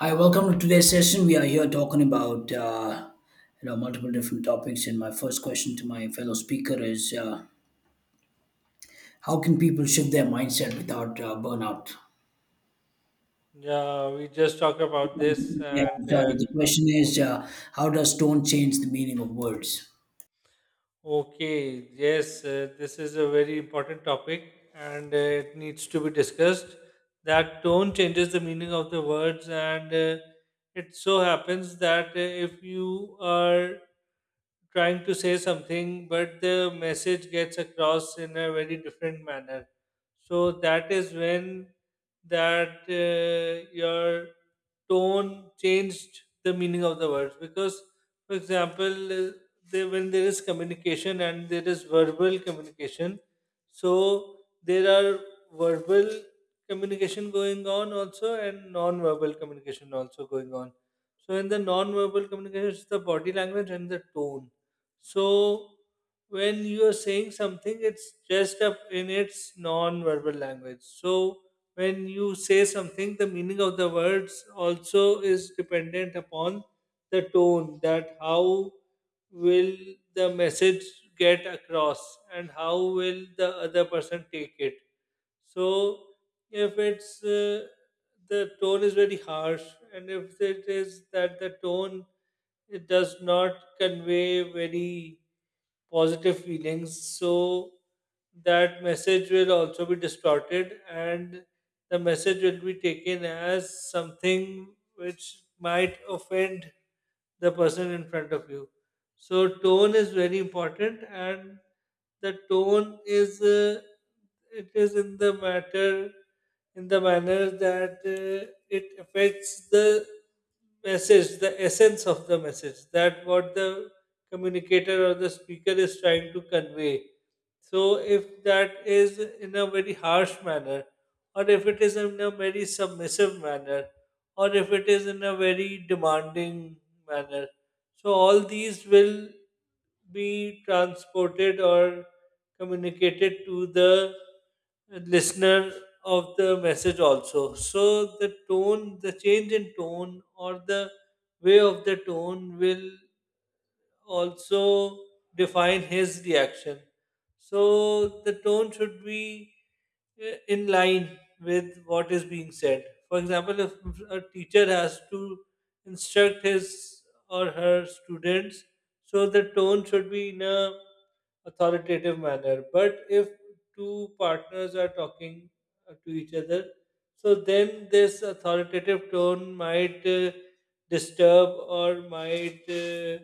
Hi, welcome to today's session. We are here talking about multiple different topics, and my first question to my fellow speaker is, how can people shift their mindset without burnout? Yeah, we just talked about this, Yeah, and I'm sorry. The question is, how does tone change the meaning of words? okay, yes, this is a very important topic, and it needs to be discussed. That tone changes the meaning of the words, and it so happens that if you are trying to say something, but the message gets across in a very different manner. So that is when that your tone changed the meaning of the words. Because, for example, when there is communication and there is verbal communication, so there are verbal communication going on also and non-verbal communication also going on. So in the non-verbal communication, it's the body language and the tone. So when you are saying something, it's dressed up in its non-verbal language. So when you say something, the meaning of the words also is dependent upon the tone. That how will the message get across, and how will the other person take it. So if it's the tone is very harsh, and if it is that the tone it does not convey very positive feelings, so that message will also be distorted, and the message will be taken as something which might offend the person in front of you. So tone is very important, and the tone is it is in the matter in the manner that it affects the message, the essence of the message, that what the communicator or the speaker is trying to convey. So if that is in a very harsh manner, or if it is in a very submissive manner, or if it is in a very demanding manner, so all these will be transported or communicated to the listener of the message also. So the tone, the change in tone, or the way of the tone will also define his reaction. So the tone should be in line with what is being said. For example, if a teacher has to instruct his or her students, so the tone should be in a authoritative manner. But if two partners are talking to each other, so then this authoritative tone might disturb or might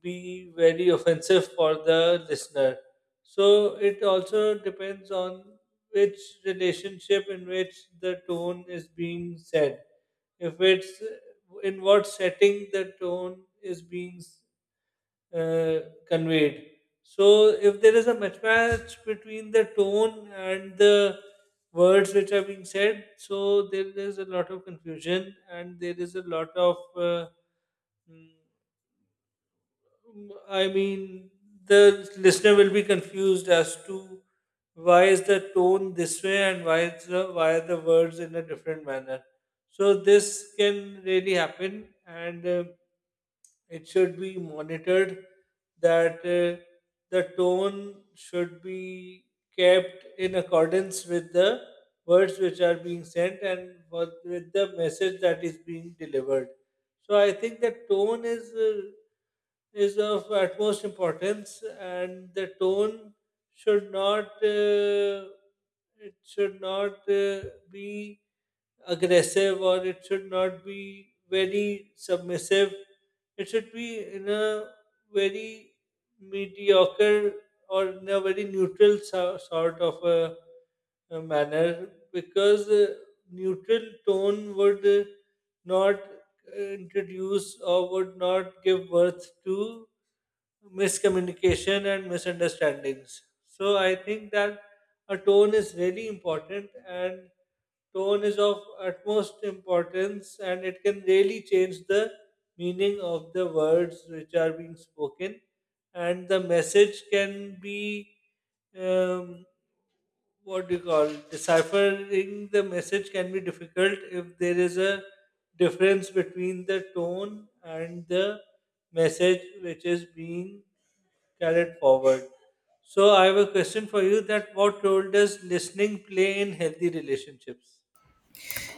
be very offensive for the listener. So it also depends on which relationship in which the tone is being said. If it's in what setting the tone is being uh, conveyed. So, if there is a mismatch between the tone and the words which are being said, so there is a lot of confusion and there is a lot of, mm, I mean, the listener will be confused as to why is the tone this way and why is why are the words in a different manner. So this can really happen, and. It should be monitored that the tone should be kept in accordance with the words which are being sent and what, with the message that is being delivered. So I think the tone is of utmost importance and the tone should not it should not be aggressive or it should not be very submissive. It should be in a very mediocre or in a very neutral sort of a manner because neutral tone would not introduce or would not give birth to miscommunication and misunderstandings. So I think that a tone is really important and tone is of utmost importance and it can really change the meaning of the words which are being spoken and the message can be um, what do you call deciphering the message can be difficult if there is a difference between the tone and the message which is being carried forward. So I have a question for you, that what role does listening play in healthy relationships?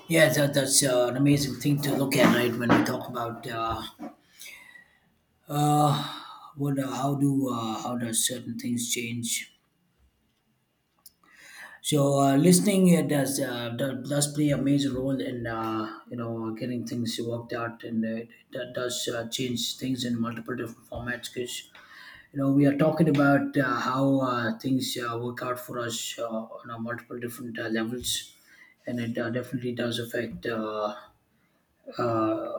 Yeah, that's an amazing thing to look at, right? When we talk about uh, how does certain things change. So listening does play a major role in getting things worked out, and it that does change things in multiple different formats. Because we are talking about how things work out for us on a multiple different levels, and it definitely does affect uh,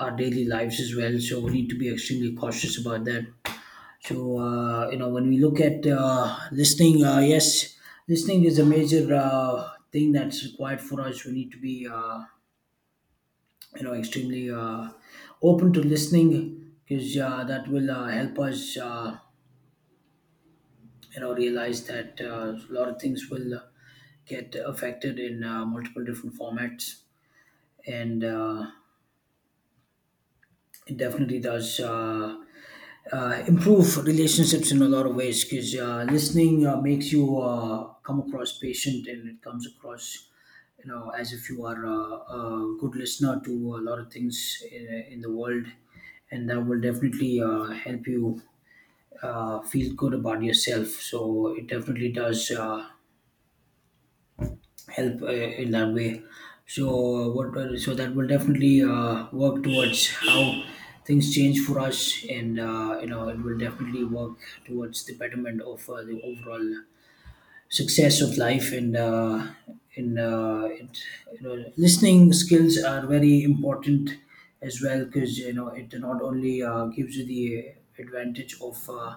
our daily lives as well. So we need to be extremely cautious about that. So when we look at listening, yes, listening is a major thing that's required for us. We need to be extremely open to listening because that will help us realize that a lot of things will get affected in multiple different formats and it definitely does improve relationships in a lot of ways because listening makes you come across patient, and it comes across as if you are a good listener to a lot of things in the world, and that will definitely help you feel good about yourself. So it definitely does help in that way. So that will definitely work towards how things change for us, and it will definitely work towards the betterment of the overall success of life. And in it, you know, Listening skills are very important as well, because it not only gives you the advantage of uh,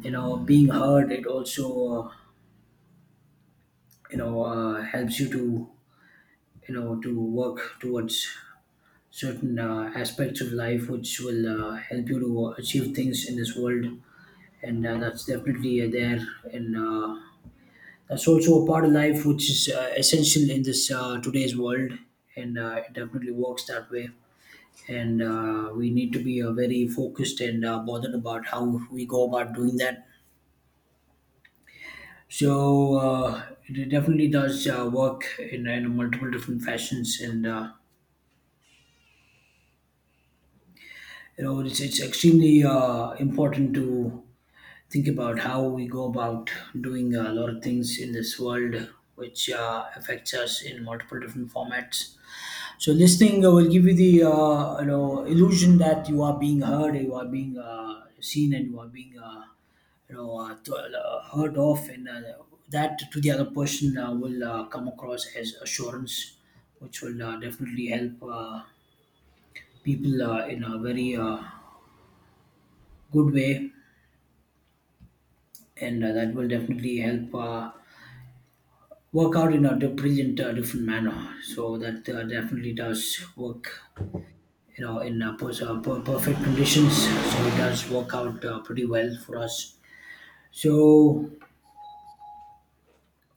you know being heard, it also helps you to you know to work towards certain aspects of life which will help you to achieve things in this world, and that's definitely there. And that's also a part of life which is essential in this today's world, and it definitely works that way. And we need to be very focused and bothered about how we go about doing that. So it definitely does work in multiple different fashions. And it's extremely important to think about how we go about doing a lot of things in this world, which affects us in multiple different formats. So listening will give you the illusion that you are being heard, you are being seen, and you are being heard of. And that, to the other person, will come across as assurance, which will definitely help people in a very good way. And that will definitely help work out in a brilliant different manner. So that definitely does work, in perfect conditions. So it does work out pretty well for us. So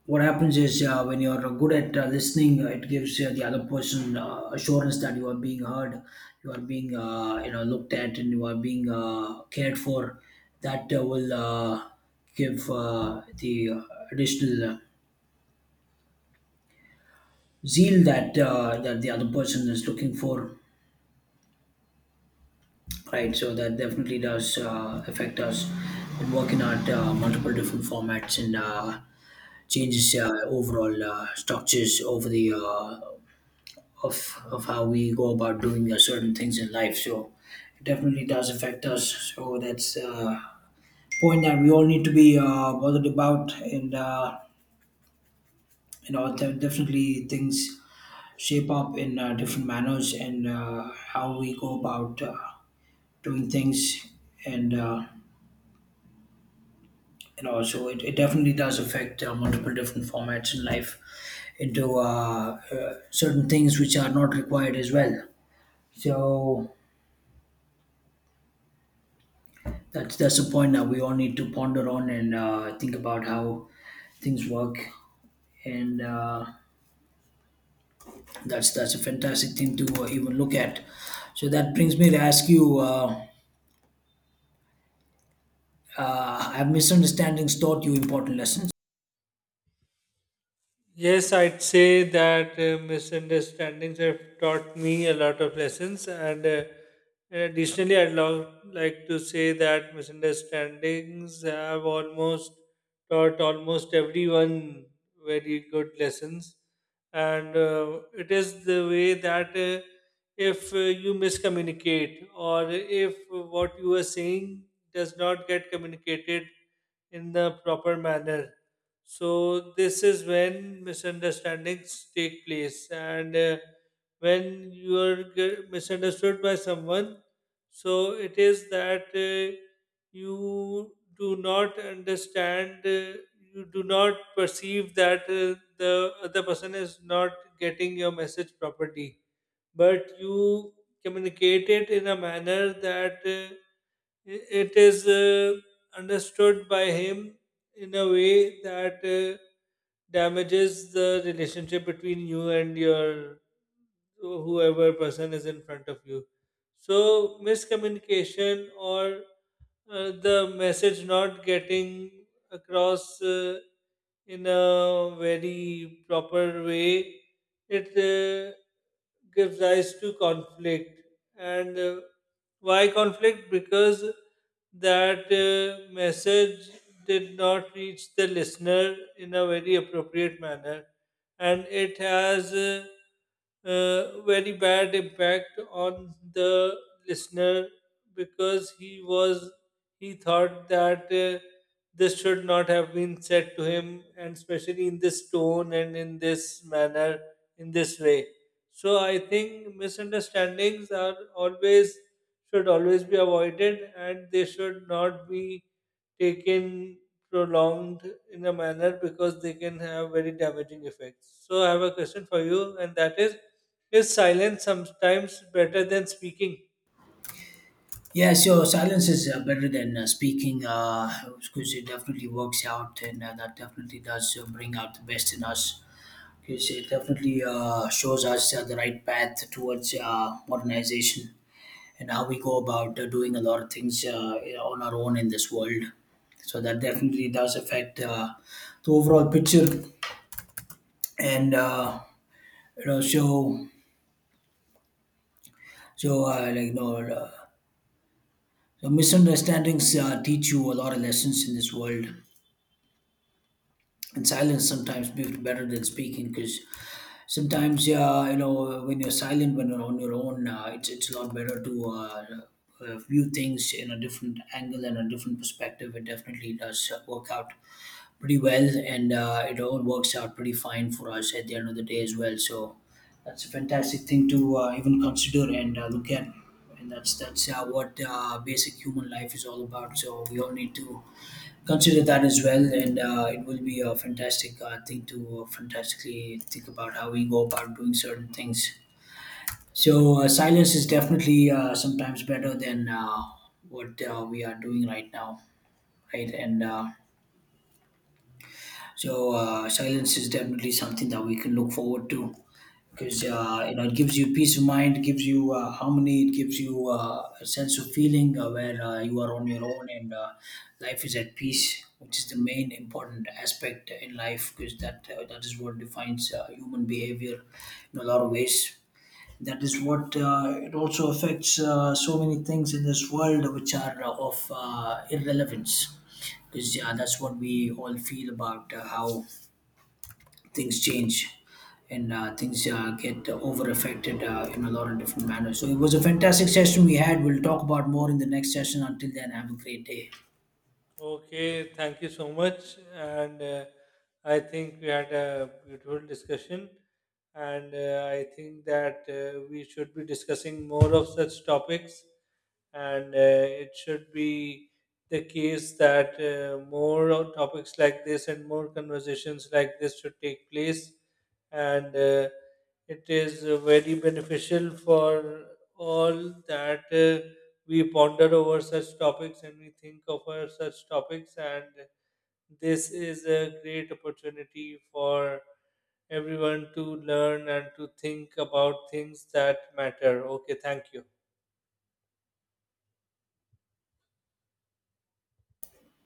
what happens is, when you're good at listening, it gives the other person assurance that you are being heard, you are being looked at, and you are being cared for. That will give the additional zeal that that the other person is looking for, right? So that definitely does affect us in working at multiple different formats, and changes overall structures over the of how we go about doing certain things in life. So it definitely does affect us. So that's point that we all need to be bothered about. And there are definitely things shape up in different manners, and how we go about doing things. And also it definitely does affect multiple different formats in life into certain things which are not required as well. So that's a point that we all need to ponder on, and think about how things work. And that's a fantastic thing to even look at. So that brings me to ask you, have misunderstandings taught you important lessons? Yes, I'd say that misunderstandings have taught me a lot of lessons, and additionally, like to say that misunderstandings have almost taught almost everyone very good lessons, and it is the way that if you miscommunicate or if what you are saying does not get communicated in the proper manner, so this is when misunderstandings take place, and when you are get misunderstood by someone, so it is that you do not understand, you do not perceive that the other person is not getting your message properly, but you communicate it in a manner that it is understood by him in a way that damages the relationship between you and your whoever person is in front of you. So miscommunication or the message not getting across in a very proper way, it gives rise to conflict. And why conflict? Because that message did not reach the listener in a very appropriate manner and it has a, very bad impact on the listener because he thought that this should not have been said to him and especially in this tone and in this manner in this way. So I think misunderstandings are always should always be avoided and they should not be taken prolonged in a manner because they can have very damaging effects. So I have a question for you, and that is silence sometimes better than speaking? Yes, your silence is better than speaking, because it definitely works out. And that definitely does bring out the best in us, because it definitely shows us the right path towards modernization and how we go about doing a lot of things on our own in this world. So that definitely does affect the overall picture. And you know, so so like you know. Your misunderstandings teach you a lot of lessons in this world, and silence sometimes be better than speaking. Because sometimes, yeah, when you're silent, when you're on your own, it's a lot better to view things in a different angle and a different perspective. It definitely does work out pretty well, and it all works out pretty fine for us at the end of the day as well. So that's a fantastic thing to even consider and look at. And that's what basic human life is all about. So we all need to consider that as well. And it will be a fantastic thing to fantastically think about how we go about doing certain things. So silence is definitely sometimes better than what we are doing right now, right? And So Silence is definitely something that we can look forward to, because it gives you peace of mind, gives you harmony, it gives you a sense of feeling where you are on your own, and life is at peace, which is the main important aspect in life, because that is what defines human behavior in a lot of ways. That is what it also affects so many things in this world which are of irrelevance. Because yeah, that's what we all feel about how things change, and things get over affected in a lot of different manners. So it was a fantastic session we had. We'll talk about more in the next session. Until then, have a great day. Okay, thank you so much. And I think we had a beautiful discussion. And I think that we should be discussing more of such topics, and it should be the case that topics like this and more conversations like this should take place, and it is very beneficial for all that we ponder over such topics and we think over such topics and this is a great opportunity for everyone to learn and to think about things that matter. Okay, thank you.